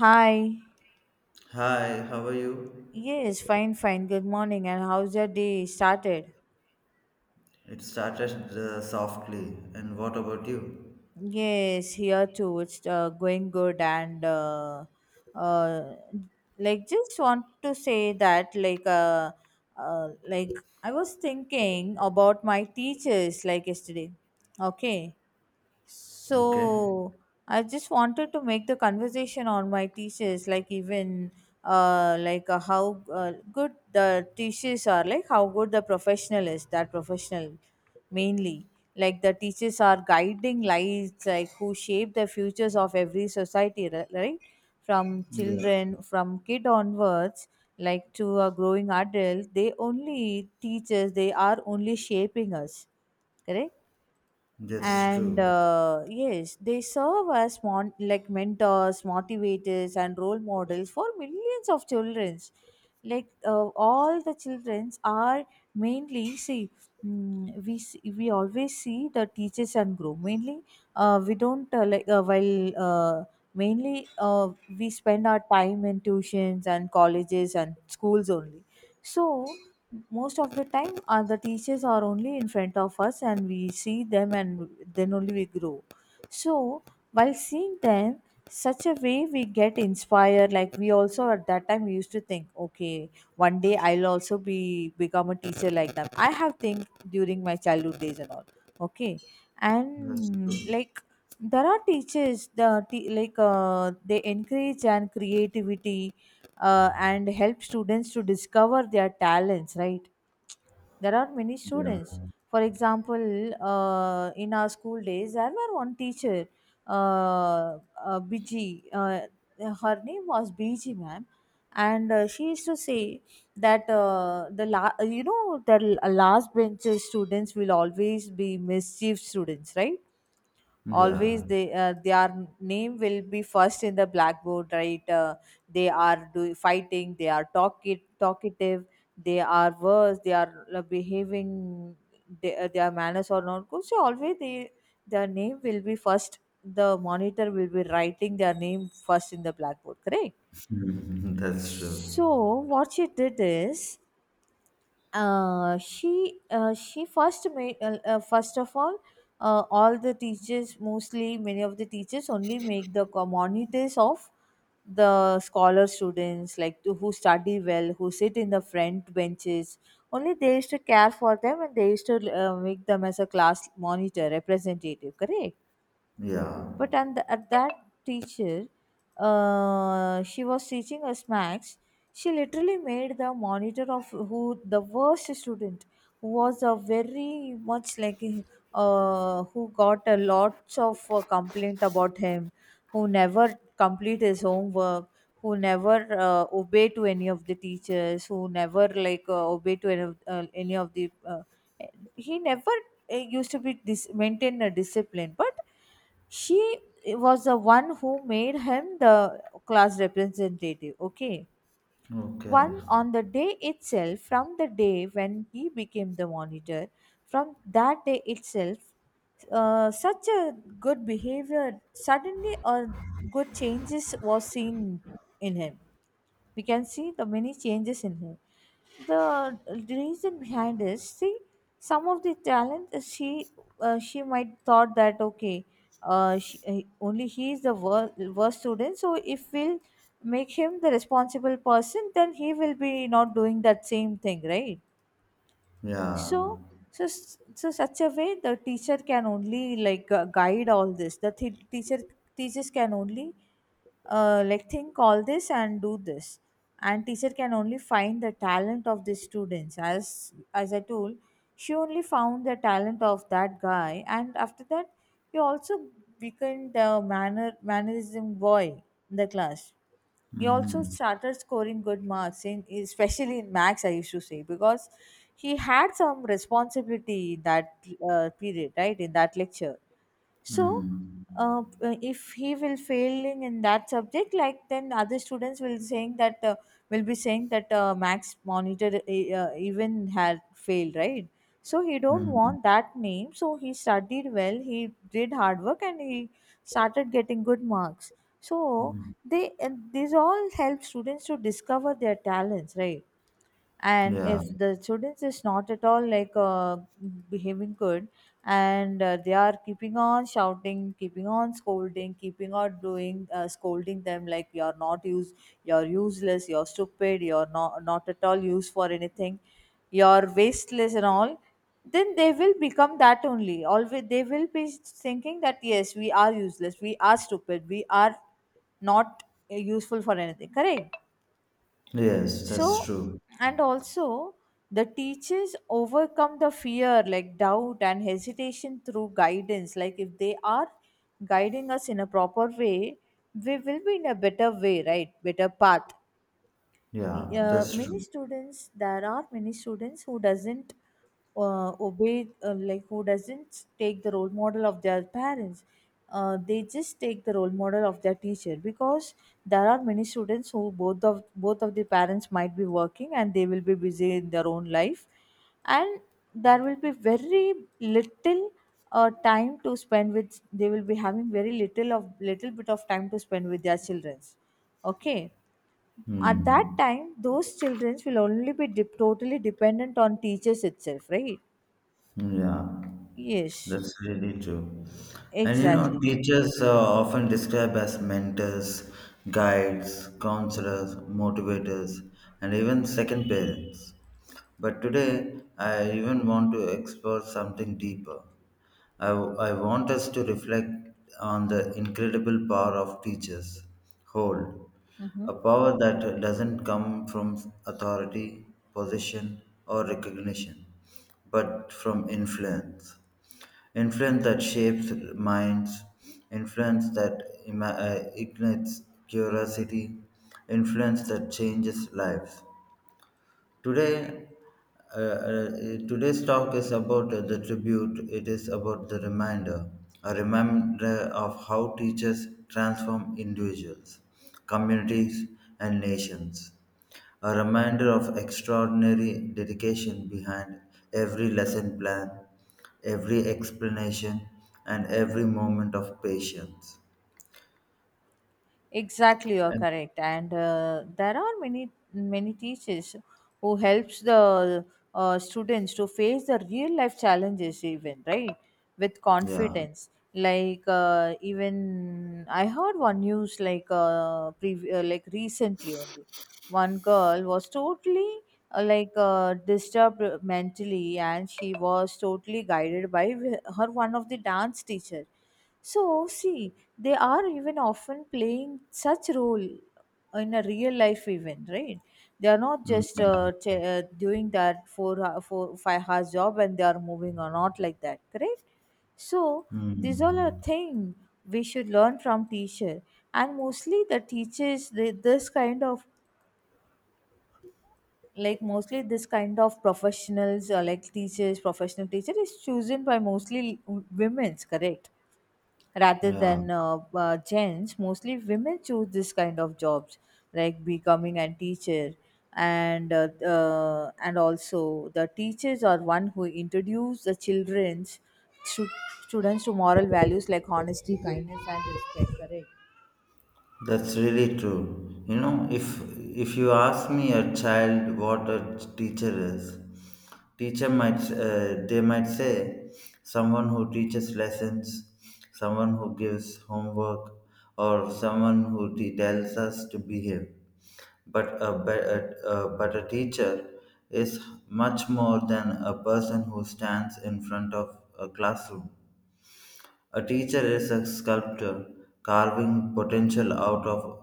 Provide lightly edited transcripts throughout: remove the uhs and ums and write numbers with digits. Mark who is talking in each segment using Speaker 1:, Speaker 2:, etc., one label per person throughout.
Speaker 1: Hi.
Speaker 2: Hi, how are you?
Speaker 1: Yes, fine, fine. Good morning. And how's your day started?
Speaker 2: It started softly. And what about you?
Speaker 1: Yes, here too. It's going good. And uh, like, just want to say that, like I was thinking about my teachers, like yesterday. Okay.
Speaker 2: Okay.
Speaker 1: So I just wanted to make the conversation on my thesis, like even like how good the teachers are, like how good the professional is, that professional mainly. Like the teachers are guiding lights, like who shape the futures of every society, right? From
Speaker 2: Yeah,
Speaker 1: children, from kid onwards, like to a growing adult, they only teachers, they are only shaping us, correct?
Speaker 2: that's
Speaker 1: and
Speaker 2: true.
Speaker 1: uh, yes, they serve as like mentors, motivators and role models for millions of children, like all the children are mainly see, we see, we always see the teachers and group mainly. We don't like while mainly we spend our time in tuitions and colleges and schools only. So most of the time the teachers are only in front of us and we see them and then only we grow. So while seeing them, such a way we get inspired, like we also at that time we used to think, okay, one day I'll also be become a teacher like them, I have think during my childhood days and all. Okay.
Speaker 2: That's
Speaker 1: And
Speaker 2: true.
Speaker 1: like there are teachers, like they encourage and creativity and help students to discover their talents, right? There are many
Speaker 2: Yeah.
Speaker 1: students. For example, in our school days there were one teacher. Uh, bg Her name was Biji, ma'am. And she used to say that the la- you know the l- last bench students will always be mischief students, right? Always
Speaker 2: Yeah.
Speaker 1: they their name will be first in the blackboard, right? They are do fighting, they are talkative, they are worse, they are behaving, they, their manners are not good, so always they, their name will be first. The monitor will be writing their name first in the blackboard, correct?
Speaker 2: That's true.
Speaker 1: So what she did is, she first made first of all, all the teachers, mostly many of the teachers only make the monitors of the scholar students, like to, who study well, who sit in the front benches. Only they used to care for them and they used to make them as a class monitor representative, correct?
Speaker 2: Yeah.
Speaker 1: But and at that teacher, she was teaching us max, she literally made the monitor of who, the worst student, who was a very much like, who got a lots of complaint about him, who never complete his homework, who never obey to any of the teachers, who never like obey to any of the he never used to be maintain a discipline. But she was the one who made him the class representative, okay?
Speaker 2: Okay.
Speaker 1: One on the day itself, from the day when he became the monitor, from that day itself, such a good behavior, suddenly a good changes was seen in him. We can see the many changes in him. The reason behind is, see, some of the talent, she might thought that, okay, she, only he is the worst student, so if we'll make him the responsible person then he will be not doing that same thing, right?
Speaker 2: Yeah.
Speaker 1: So, so such a way the teacher can only like guide all this, teacher, teachers can only like think all this and do this. And teacher can only find the talent of the students, as I told, she only found the talent of that guy, and after that he also became the mannerism boy in the class. He also
Speaker 2: Mm-hmm.
Speaker 1: started scoring good marks in, especially in max, I used to say, because he had some responsibility in that period, right, in that lecture. So
Speaker 2: Mm-hmm.
Speaker 1: if he will failing in that subject, like then other students will saying that will be saying that max monitor even had failed, right? So he don't want that name, so he studied well, he did hard work and he started getting good marks. So
Speaker 2: Mm-hmm.
Speaker 1: they and these all help students to discover their talents, right? And
Speaker 2: Yeah.
Speaker 1: if the students is not at all like behaving good, and they are keeping on shouting, keeping on scolding, keeping on doing scolding them like, you're not use, you're useless, you're stupid, you're not not at all used for anything, you're wasteless and all. Then they will become that only, always they will be thinking that, yes, we are useless, we are stupid, we are not useful for anything, correct?
Speaker 2: Yes, that's
Speaker 1: So
Speaker 2: true.
Speaker 1: and also, the teachers overcome the fear like doubt and hesitation through guidance, like if they are guiding us in a proper way, we will be in a better way, right, better path.
Speaker 2: Yeah, that's
Speaker 1: Many
Speaker 2: true.
Speaker 1: students, there are many students who doesn't obey like who doesn't take the role model of their parents, they just take the role model of their teacher, because there are many students who both of the parents might be working and they will be busy in their own life. And there will be very little time to spend with, they will be having very little of little bit of time to spend with their children, okay? At that
Speaker 2: Hmm.
Speaker 1: time, those children will only be dep totally dependent on teachers itself, right?
Speaker 2: Yeah,
Speaker 1: Yes,
Speaker 2: that's really true. And you know,
Speaker 1: exactly.
Speaker 2: teachers are often described as mentors, guides, counselors, motivators, and even second parents. But today, I even want to explore something deeper. I want us to reflect on the incredible power of teachers hold,
Speaker 1: Hmm.
Speaker 2: a power that doesn't come from authority, possession, or recognition, but from influence. Influence that shapes minds, influence that ignites curiosity, influence that changes lives. Today, uh, uh, today's talk is about the tribute. It is about the reminder, a reminder of how teachers transform individuals, communities, and nations. A reminder of extraordinary dedication behind every lesson plan, every explanation, and every moment of patience.
Speaker 1: Exactly, you're
Speaker 2: And
Speaker 1: correct. And there are many many teachers who helps the students to face the real life challenges even, right, with
Speaker 2: yeah.
Speaker 1: confidence. Like even I heard one news like like recently only, one girl was totally like disturbed mentally and she was totally guided by her one of the dance teacher. So, see, they are even often playing such role in a real life event, right? They are not just
Speaker 2: Mhm.
Speaker 1: doing that four, 5 hours job and they are moving or not like that, correct? So, these all are
Speaker 2: Mhm.
Speaker 1: thing we should learn from teacher, and mostly the teachers, they, this kind of, like mostly this kind of professionals or like teachers, professional teacher is chosen by mostly women's, correct? Rather
Speaker 2: Yeah.
Speaker 1: than gents, mostly women choose this kind of jobs, like becoming a teacher. And and also, the teachers are one who introduce the children's stu- students to moral values like honesty, kindness and respect, correct?
Speaker 2: That's really true. You know, if you ask me a child what a teacher is, teacher might they might say someone who teaches lessons, someone who gives homework, or someone who tells us to behave. But a, be- a but a teacher is much more than a person who stands in front of a classroom. A teacher is a sculptor carving potential out of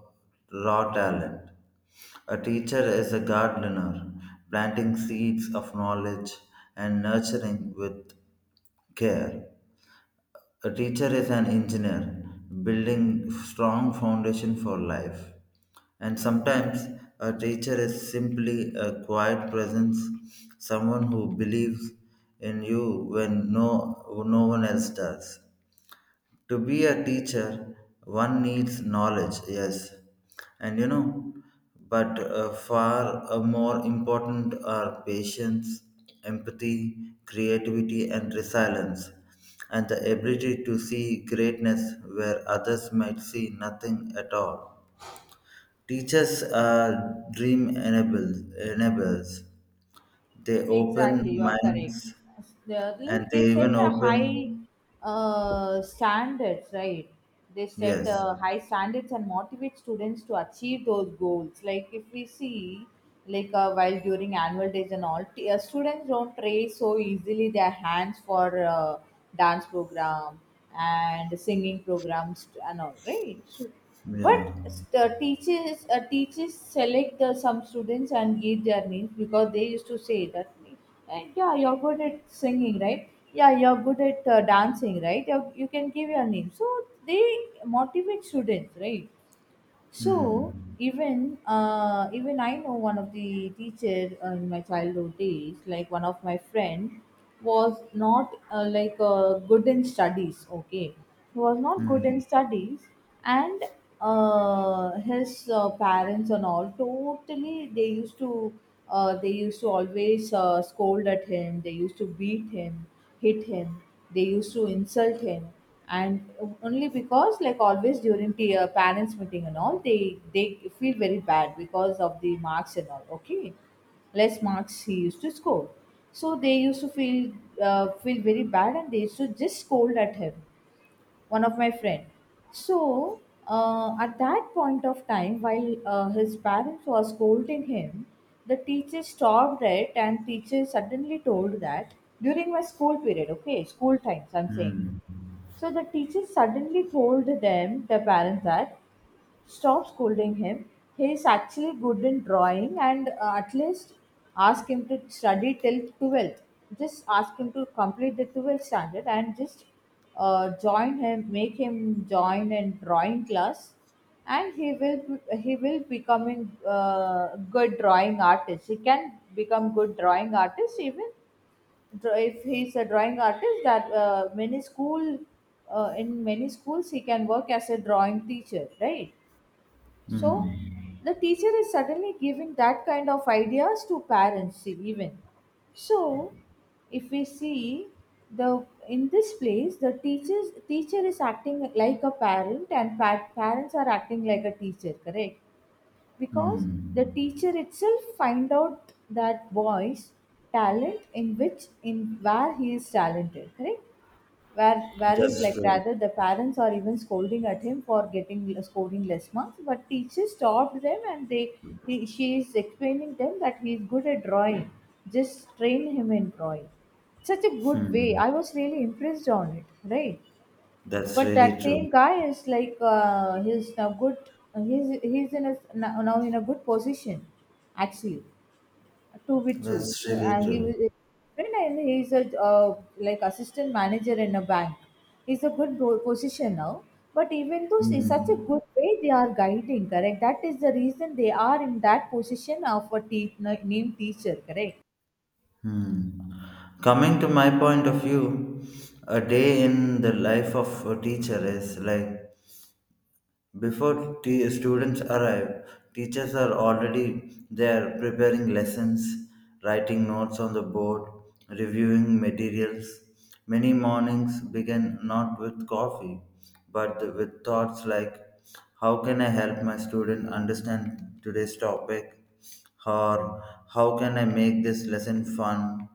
Speaker 2: raw talent. A teacher is a gardener planting seeds of knowledge and nurturing with care. A teacher is an engineer building strong foundation for life. And sometimes a teacher is simply a quiet presence, someone who believes in you when no one else does, to be a teacher one needs knowledge, yes, and you know but far more important are patience, empathy, creativity and resilience, and the ability to see greatness where others might see nothing at all. Teachers are dream enables enablers, they open
Speaker 1: Exactly, you're
Speaker 2: minds
Speaker 1: correct.
Speaker 2: and
Speaker 1: Like they
Speaker 2: they
Speaker 1: set
Speaker 2: even
Speaker 1: a high
Speaker 2: open.
Speaker 1: standards, right? They set
Speaker 2: Yes.
Speaker 1: high standards and motivate students to achieve those goals. Like if we see, like while during annual days and all, students don't raise so easily their hands for dance program and singing programs and all, right? So, but
Speaker 2: Yeah.
Speaker 1: teachers teachers select the, some students and give their names, because they used to say that, and, yeah, you're good at singing, right? Yeah, you're good at dancing, right? You can give your name, so they motivate students, right? So
Speaker 2: Hmm.
Speaker 1: even even I know one of the teacher in my childhood days, like one of my friend, was not like good in studies. Okay, he was not good in
Speaker 2: Mm,
Speaker 1: studies, and his parents and all totally, they used to always scold at him. They used to beat him, hit him, they used to insult him. And only because, like, always during the parents meeting and all, they feel very bad because of the marks and all, okay, less marks he used to score, so they used to feel very bad and they used to just scold at him, one of my friend. So at that point of time, while his parents were scolding him, the teacher stopped it and teacher suddenly told that, during my school period, okay, school times I'm saying,
Speaker 2: mm,
Speaker 1: so the teacher suddenly told them, the parents, that, stop scolding him. He is actually good in drawing, and at least ask him to study till 12th. Just ask him to complete the 12th standard and just join him, make him join in drawing class and he will becoming good drawing artist. He can become good drawing artist even, if he's a drawing artist that many school, in many schools he can work as a drawing teacher, right? So
Speaker 2: mm,
Speaker 1: the teacher is suddenly giving that kind of ideas to parents even. So if we see the in this place the teacher is acting like a parent and parents are acting like a teacher, correct?
Speaker 2: mm.
Speaker 1: Because the teacher itself find out that boy's talent, in where he is talented, correct? Where whereas,
Speaker 2: That's
Speaker 1: like,
Speaker 2: true.
Speaker 1: rather the parents are even scolding at him for getting scoring less marks, but teachers stopped them and they she is explaining them that he is good at drawing, just train him in drawing. Such a good way,
Speaker 2: Hmm.
Speaker 1: I was really impressed on it, right?
Speaker 2: That's
Speaker 1: But
Speaker 2: really
Speaker 1: that
Speaker 2: true.
Speaker 1: same guy is like he's in a now in a good position, actually, to be true.
Speaker 2: That's really
Speaker 1: And he
Speaker 2: true.
Speaker 1: was very nice. He's a like assistant manager in a bank. He's a good position now. But even though it's such a
Speaker 2: Hmm.
Speaker 1: good way they are guiding, correct? That is the reason they are in that position of a named teacher, correct?
Speaker 2: Hmm. Coming to my point of view, a day in the life of a teacher is like, before students arrive, teachers are already there preparing lessons, writing notes on the board, reviewing materials. Many mornings begin not with coffee, but with thoughts like, how can I help my student understand today's topic? Or, how can I make this lesson fun?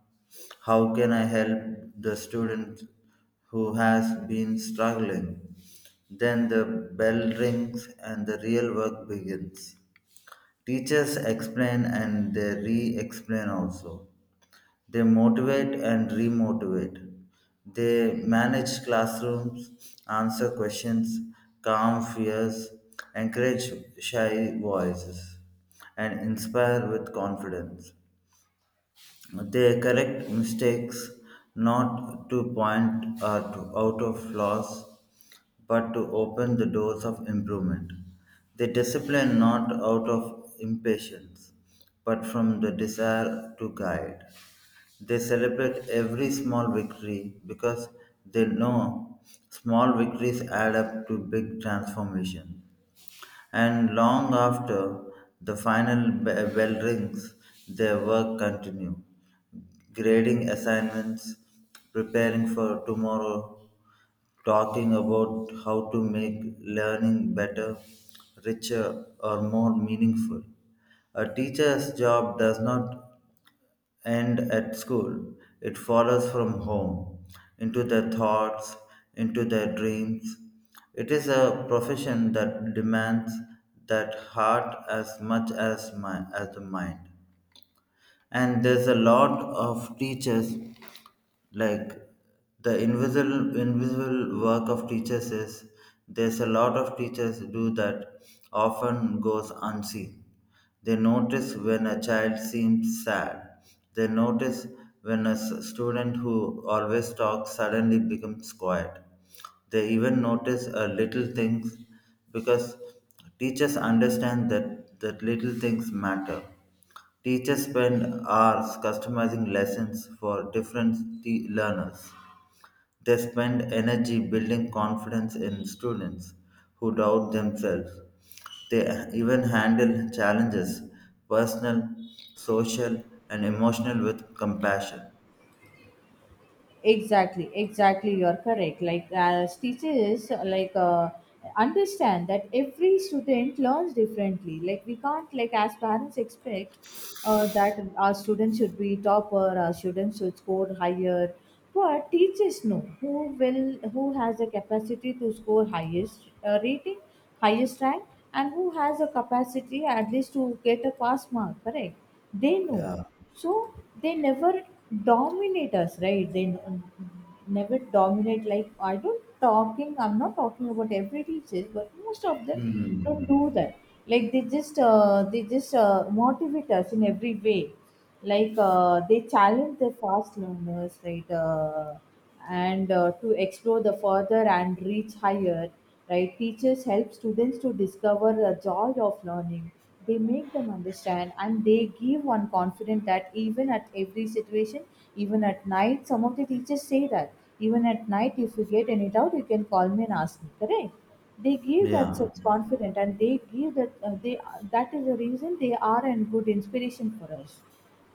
Speaker 2: How can I help the student who has been struggling? Then the bell rings and the real work begins. Teachers explain and they re explain also. They motivate and remotivate. They manage classrooms, answer questions, calm fears, encourage shy voices, and inspire with confidence. They correct mistakes not to point out out of flaws, but to open the doors of improvement. They discipline not out of impatience, but from the desire to guide. They celebrate every small victory, because they know small victories add up to big transformation. And long after the final bell rings, their work continues, grading assignments, preparing for tomorrow, talking about how to make learning better, richer, or more meaningful. A teacher's job does not end at school, it follows from home, into their thoughts, into their dreams. It is a profession that demands that heart as much as, as the mind. And there's a lot of teachers, like the invisible work of teachers is, there's a lot of teachers do that often goes unseen. They notice when a child seems sad, they notice when a student who always talks suddenly becomes quiet. They even notice a little things, because teachers understand that little things matter. Teachers spend hours customizing lessons for different learners. They spend energy building confidence in students who doubt themselves. They even handle challenges, personal, social, and emotional, with compassion.
Speaker 1: Exactly, exactly, you're correct. Like as teachers, like, understand that every student learns differently. Like we can't, like, as parents expect that our students should be topper, our students should score higher, but teachers know who will, who has the capacity to score highest, rating highest rank, and who has a capacity at least to get a pass mark, correct? They know.
Speaker 2: Yeah.
Speaker 1: So they never dominate us, right? They never dominate. Like I don't talking I'm not talking about every teacher, but most of them don't
Speaker 2: Hmm.
Speaker 1: do that. Like they just motivate us in every way. Like, they challenge the fast learners, right? And To explore the further and reach higher. Right, teachers help students to discover the joy of learning. They make them understand and they give one confidence that even at every situation, even at night, some of the teachers say that even at night, if you get any doubt, you can call me and ask me, correct? They give that
Speaker 2: Yeah.
Speaker 1: such confidence, and they give that they that is the reason they are a good inspiration for us.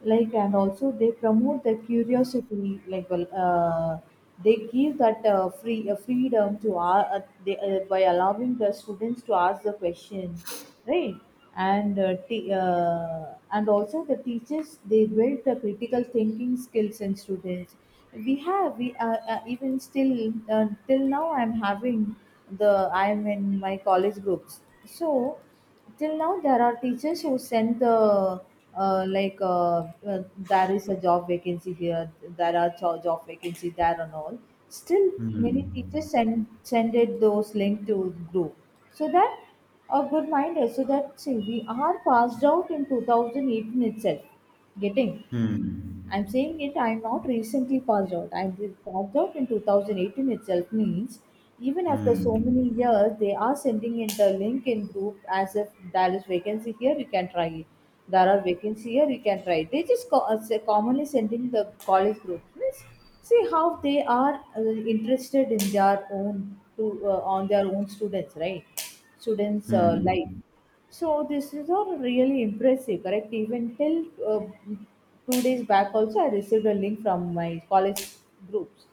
Speaker 1: Like, and also they promote the curiosity. Like, they give that freedom to by allowing the students to ask the question, right? And also the teachers, they build the critical thinking skills in students. We have we even still Till now I'm having the I'm in my college groups. So till now there are teachers who send the, uh, like uh, uh, there is a job vacancy here, there are job vacancy there, and all. Still many
Speaker 2: Hmm.
Speaker 1: teachers send it, those link to group, so that a good mind is. So that, see, we are passed out in 2018 itself, getting.
Speaker 2: Hmm.
Speaker 1: I'm saying it, I'm not recently passed out. I passed out in 2018 itself means even after so many
Speaker 2: Hmm.
Speaker 1: years, they are sending in the link in group as if there is vacancy here, you can try it. There are vacancy here, you can try it. They just commonly sending the college group. Means, see how they are interested in their own, to, on their own students, right? Students'
Speaker 2: Hmm.
Speaker 1: life. So this is all really impressive, correct? Even till 2 days back, also I received a link from my college groups,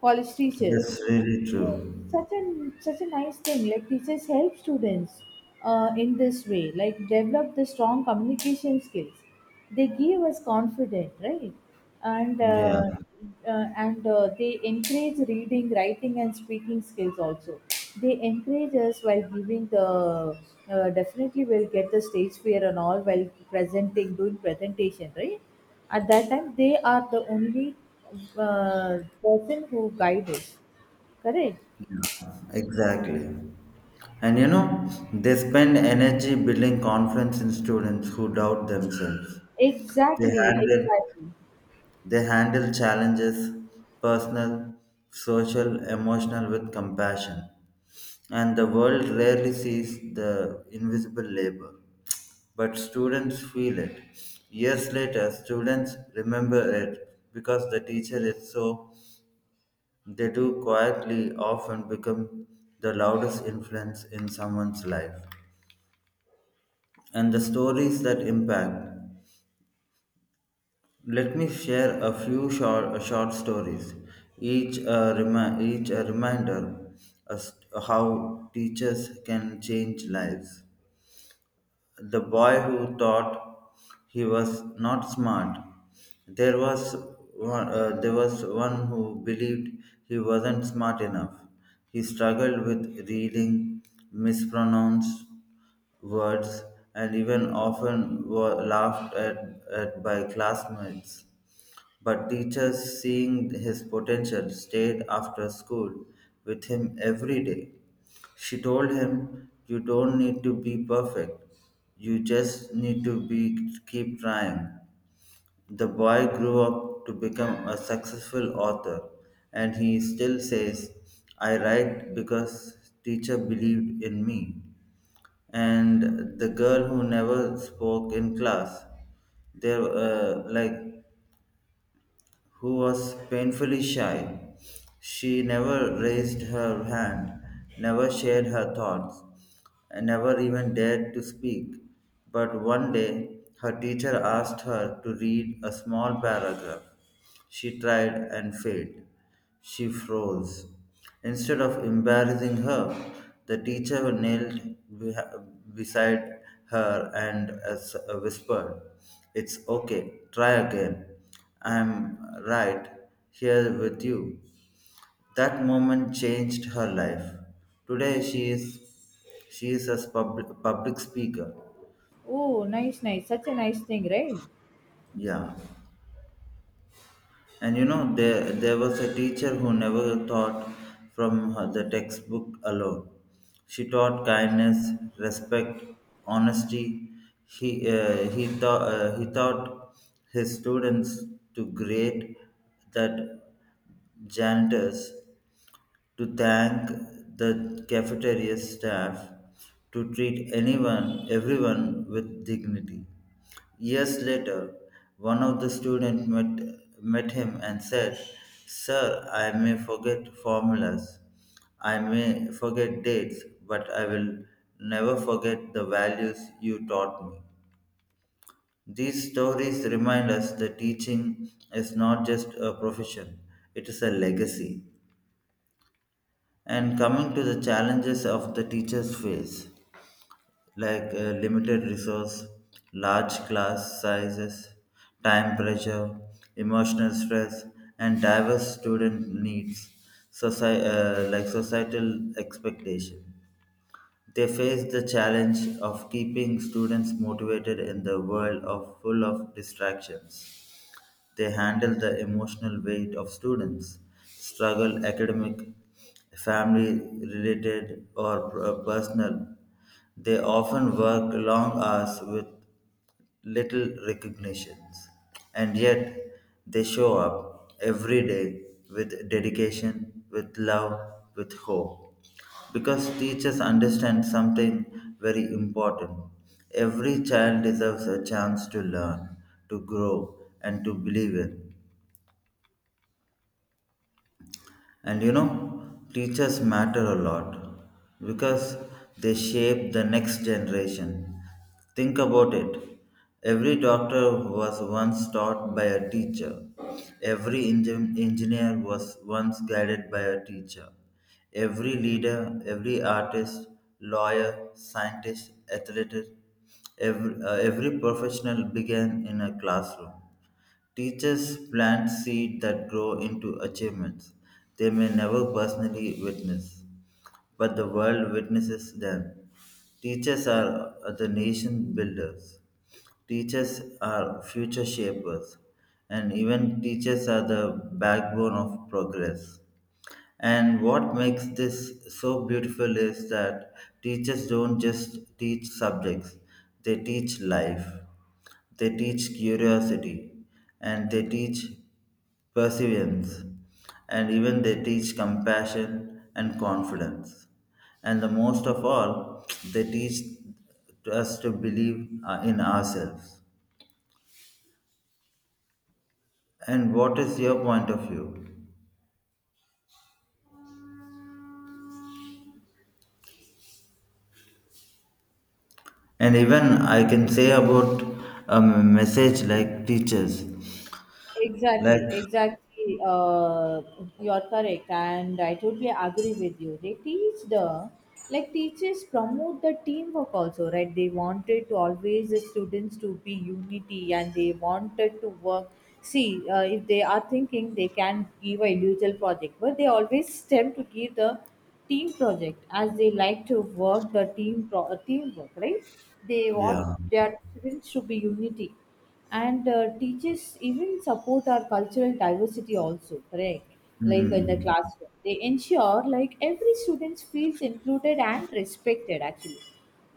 Speaker 1: college teacher.
Speaker 2: That's really
Speaker 1: Yeah,
Speaker 2: true.
Speaker 1: such a such a nice thing, like teachers help students in this way, like develop the strong communication skills. They give us confidence, right? And
Speaker 2: Yeah.
Speaker 1: they encourage reading, writing, and speaking skills also. They encourage us while giving the, definitely will get the stage fear and all while presenting, doing presentation, right? At that time they are the only uh, person who guide us. Correct?
Speaker 2: Exactly. And you know, they spend energy building confidence in students who doubt themselves. They
Speaker 1: Exactly,
Speaker 2: handle
Speaker 1: exactly.
Speaker 2: they handle challenges, personal, social, emotional, with compassion. And the world rarely sees the invisible labor. But students feel it. Years later, students remember it, because the teacher is so, they do quietly often become the loudest influence in someone's life. And the stories that impact. Let me share a few short stories, each a reminder as to how teachers can change lives. The boy who thought he was not smart. There was there was one who believed he wasn't smart enough. He struggled with reading, mispronounced words, and even often was at by classmates. But teachers, seeing his potential, stayed after school with him every day. She told him, you don't need to be perfect, you just need to be, keep trying. The boy grew up to become a successful author, and he still says, I write because teacher believed in me. And the girl who never spoke in class, there like, who was painfully shy. She never raised her hand, never shared her thoughts, and never even dared to speak. But one day, her teacher asked her to read a small paragraph. She tried and failed. She froze. Instead of embarrassing her, the teacher knelt beh- beside her and whispered, it's okay, try again. I'm right here with you. That moment changed her life. Today she is, she is a public speaker.
Speaker 1: Oh, nice, nice. Such a nice thing, right?
Speaker 2: Yeah. And you know, there was a teacher who never taught from her, the textbook alone. She taught kindness, respect, honesty. He he taught his students to grade that janitors, to thank the cafeteria staff, to treat anyone everyone with dignity. Years later, one of the students met him and said, sir, I may forget formulas, I may forget dates, but I will never forget the values you taught me. These stories remind us that teaching is not just a profession, it is a legacy. And coming to the challenges of the teachers face, like limited resource, large class sizes, time pressure, emotional stress, and diverse student needs, like societal expectation. They face the challenge of keeping students motivated in the world of full of distractions. They handle the emotional weight of students, struggle academic, family related or personal. They often work long hours with little recognitions, and yet they show up every day with dedication, with love, with hope. Because teachers understand something very important. Every child deserves a chance to learn, to grow, and to believe in. And you know, teachers matter a lot because they shape the next generation. Think about it. Every doctor was once taught by a teacher. Every engineer was once guided by a teacher. Every leader, every artist, lawyer, scientist, athlete, every professional began in a classroom. Teachers plant seeds that grow into achievements they may never personally witness, but the world witnesses them. Teachers are the nation builders. Teachers are future shapers, and even teachers are the backbone of progress. And what makes this so beautiful is that teachers don't just teach subjects, they teach life, they teach curiosity, and they teach perseverance, and even they teach compassion and confidence. And the most of all, they teach us to believe in ourselves. And what is your point of view? And even I can say about a message like teachers, like
Speaker 1: Exactly, exactly. You're correct, and I totally agree with you. They teach the, like, teachers promote the teamwork also, right? They wanted to always the students to be unity, and they wanted to work. See, if they are thinking, they can give a individual project, but they always stem to give the team project, as they like to work the teamwork, right? They want
Speaker 2: yeah,
Speaker 1: their students to be unity. And teachers even support our cultural diversity also, correct? Like in the
Speaker 2: mm,
Speaker 1: classroom, they ensure like every student feels included and respected. Actually,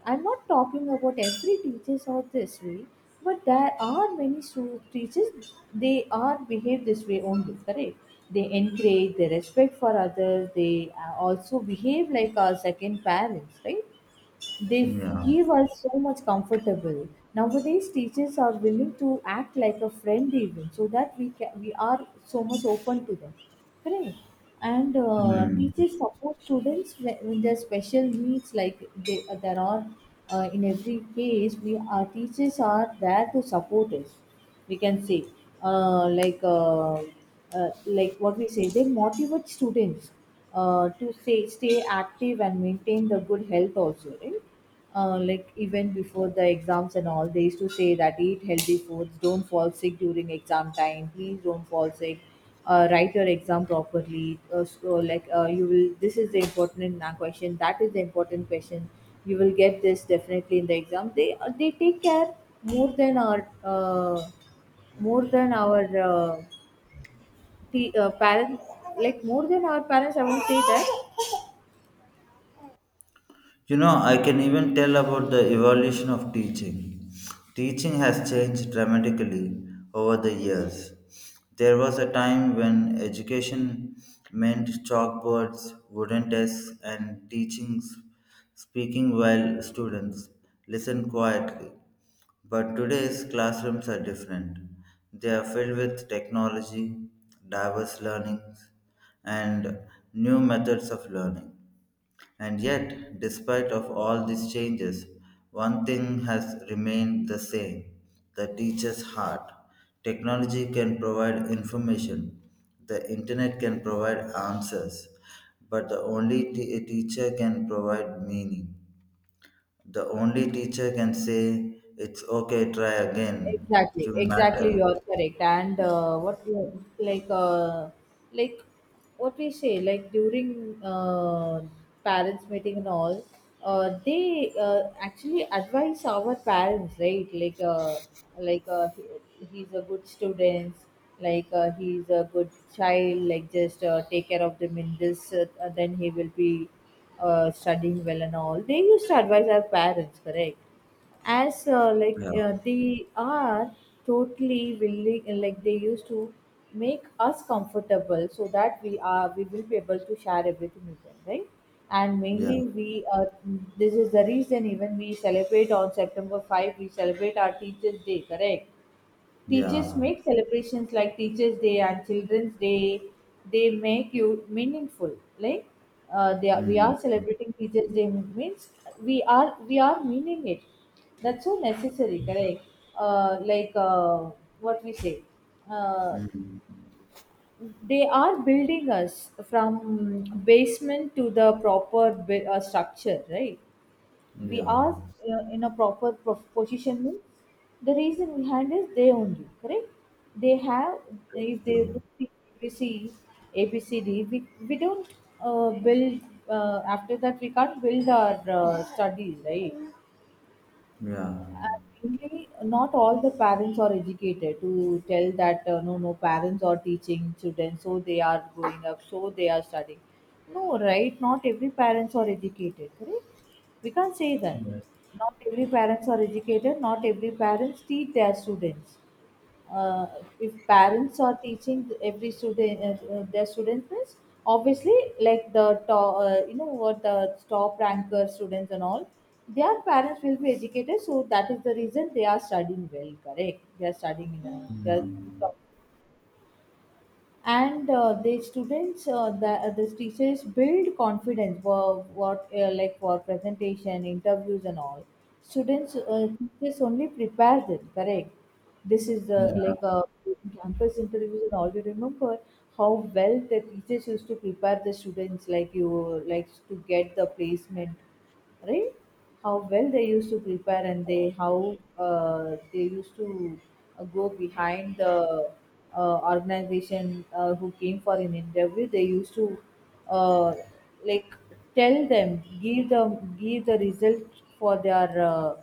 Speaker 1: I'm not talking about every teachers are this way, but there are many teachers, they are behave this way only, correct? They encourage, they respect for others. They also behave like our second parents, right? They
Speaker 2: yeah,
Speaker 1: give us so much comfortable. Nowadays, teachers are willing to act like a friend even, so that we can, we are so much open to them, correct? And
Speaker 2: mm.
Speaker 1: teachers support students when their special needs, like they, there are in every case, we, our teachers are there to support us, we can say. uh, like uh, like what we say, they motivate students to say stay active and maintain the good health also, right? Like, even before the exams and all, they used to say that eat healthy foods, don't fall sick during exam time, please don't fall sick, write your exam properly. So, like, you will this is the important question that is the important question, you will get this definitely in the exam. They they take care more than our more than our uh, parents, like more than our parents, I won't say that.
Speaker 2: You know, I can even tell about the evolution of teaching. Teaching has changed dramatically over the years. There was a time when education meant chalkboards, wooden desks, and teaching speaking while students listened quietly. But today's classrooms are different. They are filled with technology, diverse learnings, and new methods of learning. And yet, despite of all these changes, one thing has remained the same, the teacher's heart. Technology can provide information, the internet can provide answers, but the only teacher can provide meaning. The only teacher can say, it's okay, try again,
Speaker 1: Exactly,
Speaker 2: you
Speaker 1: exactly.
Speaker 2: matter.
Speaker 1: You're correct. And like, uh, like what we say, like, during parents meeting and all, they actually advise our parents, right? Like, like uh, he's a good student. Like, he's a good child. Like, just take care of them in this, then he will be studying well and all. They used to advise our parents, correct? As
Speaker 2: Yeah,
Speaker 1: they are totally willing, and like they used to make us comfortable so that we are, we will be able to share everything with them, right? And
Speaker 2: yeah,
Speaker 1: mainly we this is the reason even we celebrate on september 5 we celebrate our teachers day, correct? Teachers
Speaker 2: yeah.
Speaker 1: make celebrations like Teachers' Day and Children's Day. They make you meaningful. Like they are, we
Speaker 2: Mm,
Speaker 1: are celebrating Teachers' Day means we are meaning it. That's so necessary, correct? Uh, like uh, what we say. Uh,
Speaker 2: mm,
Speaker 1: they are building us from basement to the proper structure, right? We
Speaker 2: yeah,
Speaker 1: are in a proper position means the reason behind is they only, correct? They have, if they do
Speaker 2: true.
Speaker 1: ABC, ABCD, we don't build. After that, we can't build our studies, right?
Speaker 2: Yeah.
Speaker 1: Mainly, not all the parents are educated to tell that, no, no, parents are teaching children, so they are growing up, so they are studying. No, right? Not every parents are educated, correct? We can't say that.
Speaker 2: Yes.
Speaker 1: Not every parents are educated. Not every parents teach their students. uh, if parents are teaching every student their students means, obviously, like the top you know what, the top ranker students and all, their parents will be educated, so that is the reason they are studying well, correct? They are studying in a, they are in
Speaker 2: Mm.
Speaker 1: top. And the students the teachers build confidence for what, like for presentation, interviews and all. Students teachers only prepare them, correct? This is the,
Speaker 2: Yeah,
Speaker 1: campus interviews and all, you remember how well the teachers used to prepare the students, like you like to get the placement, right? How well they used to prepare, and they, how they used to go behind the organization who came for an interview. They used to uh, like tell them, give the result for their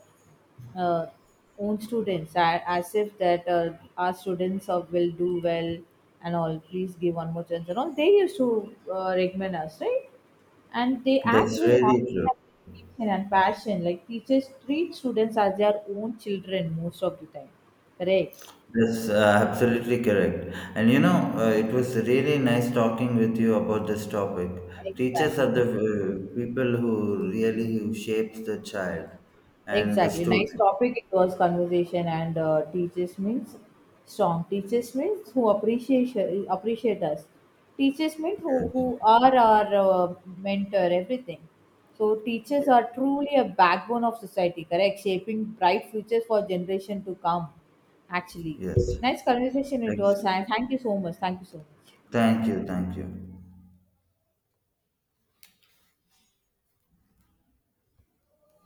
Speaker 1: uh, own students, as if that our students of will do well and all, please give one more chance and all. They used to recommend us, right? And they act
Speaker 2: that's
Speaker 1: with
Speaker 2: really true.
Speaker 1: honesty and passion, like teachers treat students as their own children most of the time, correct?
Speaker 2: That's absolutely correct. And you know, it was really nice talking with you about this topic. Teachers are the
Speaker 1: Exactly.
Speaker 2: people who really who shapes the child and the
Speaker 1: Exactly. Nice
Speaker 2: student.
Speaker 1: topic. It was conversation. And teachers means strong. Teachers means who appreciate us. Teachers means who
Speaker 2: Yes.
Speaker 1: are our mentor. Everything. So teachers
Speaker 2: Yes.
Speaker 1: are truly a backbone of society. Correct, shaping bright futures for generation to come. Actually,
Speaker 2: Yes.
Speaker 1: nice conversation it
Speaker 2: Thanks.
Speaker 1: was. And thank you so much. Thank you so much.
Speaker 2: Thank you. Thank you.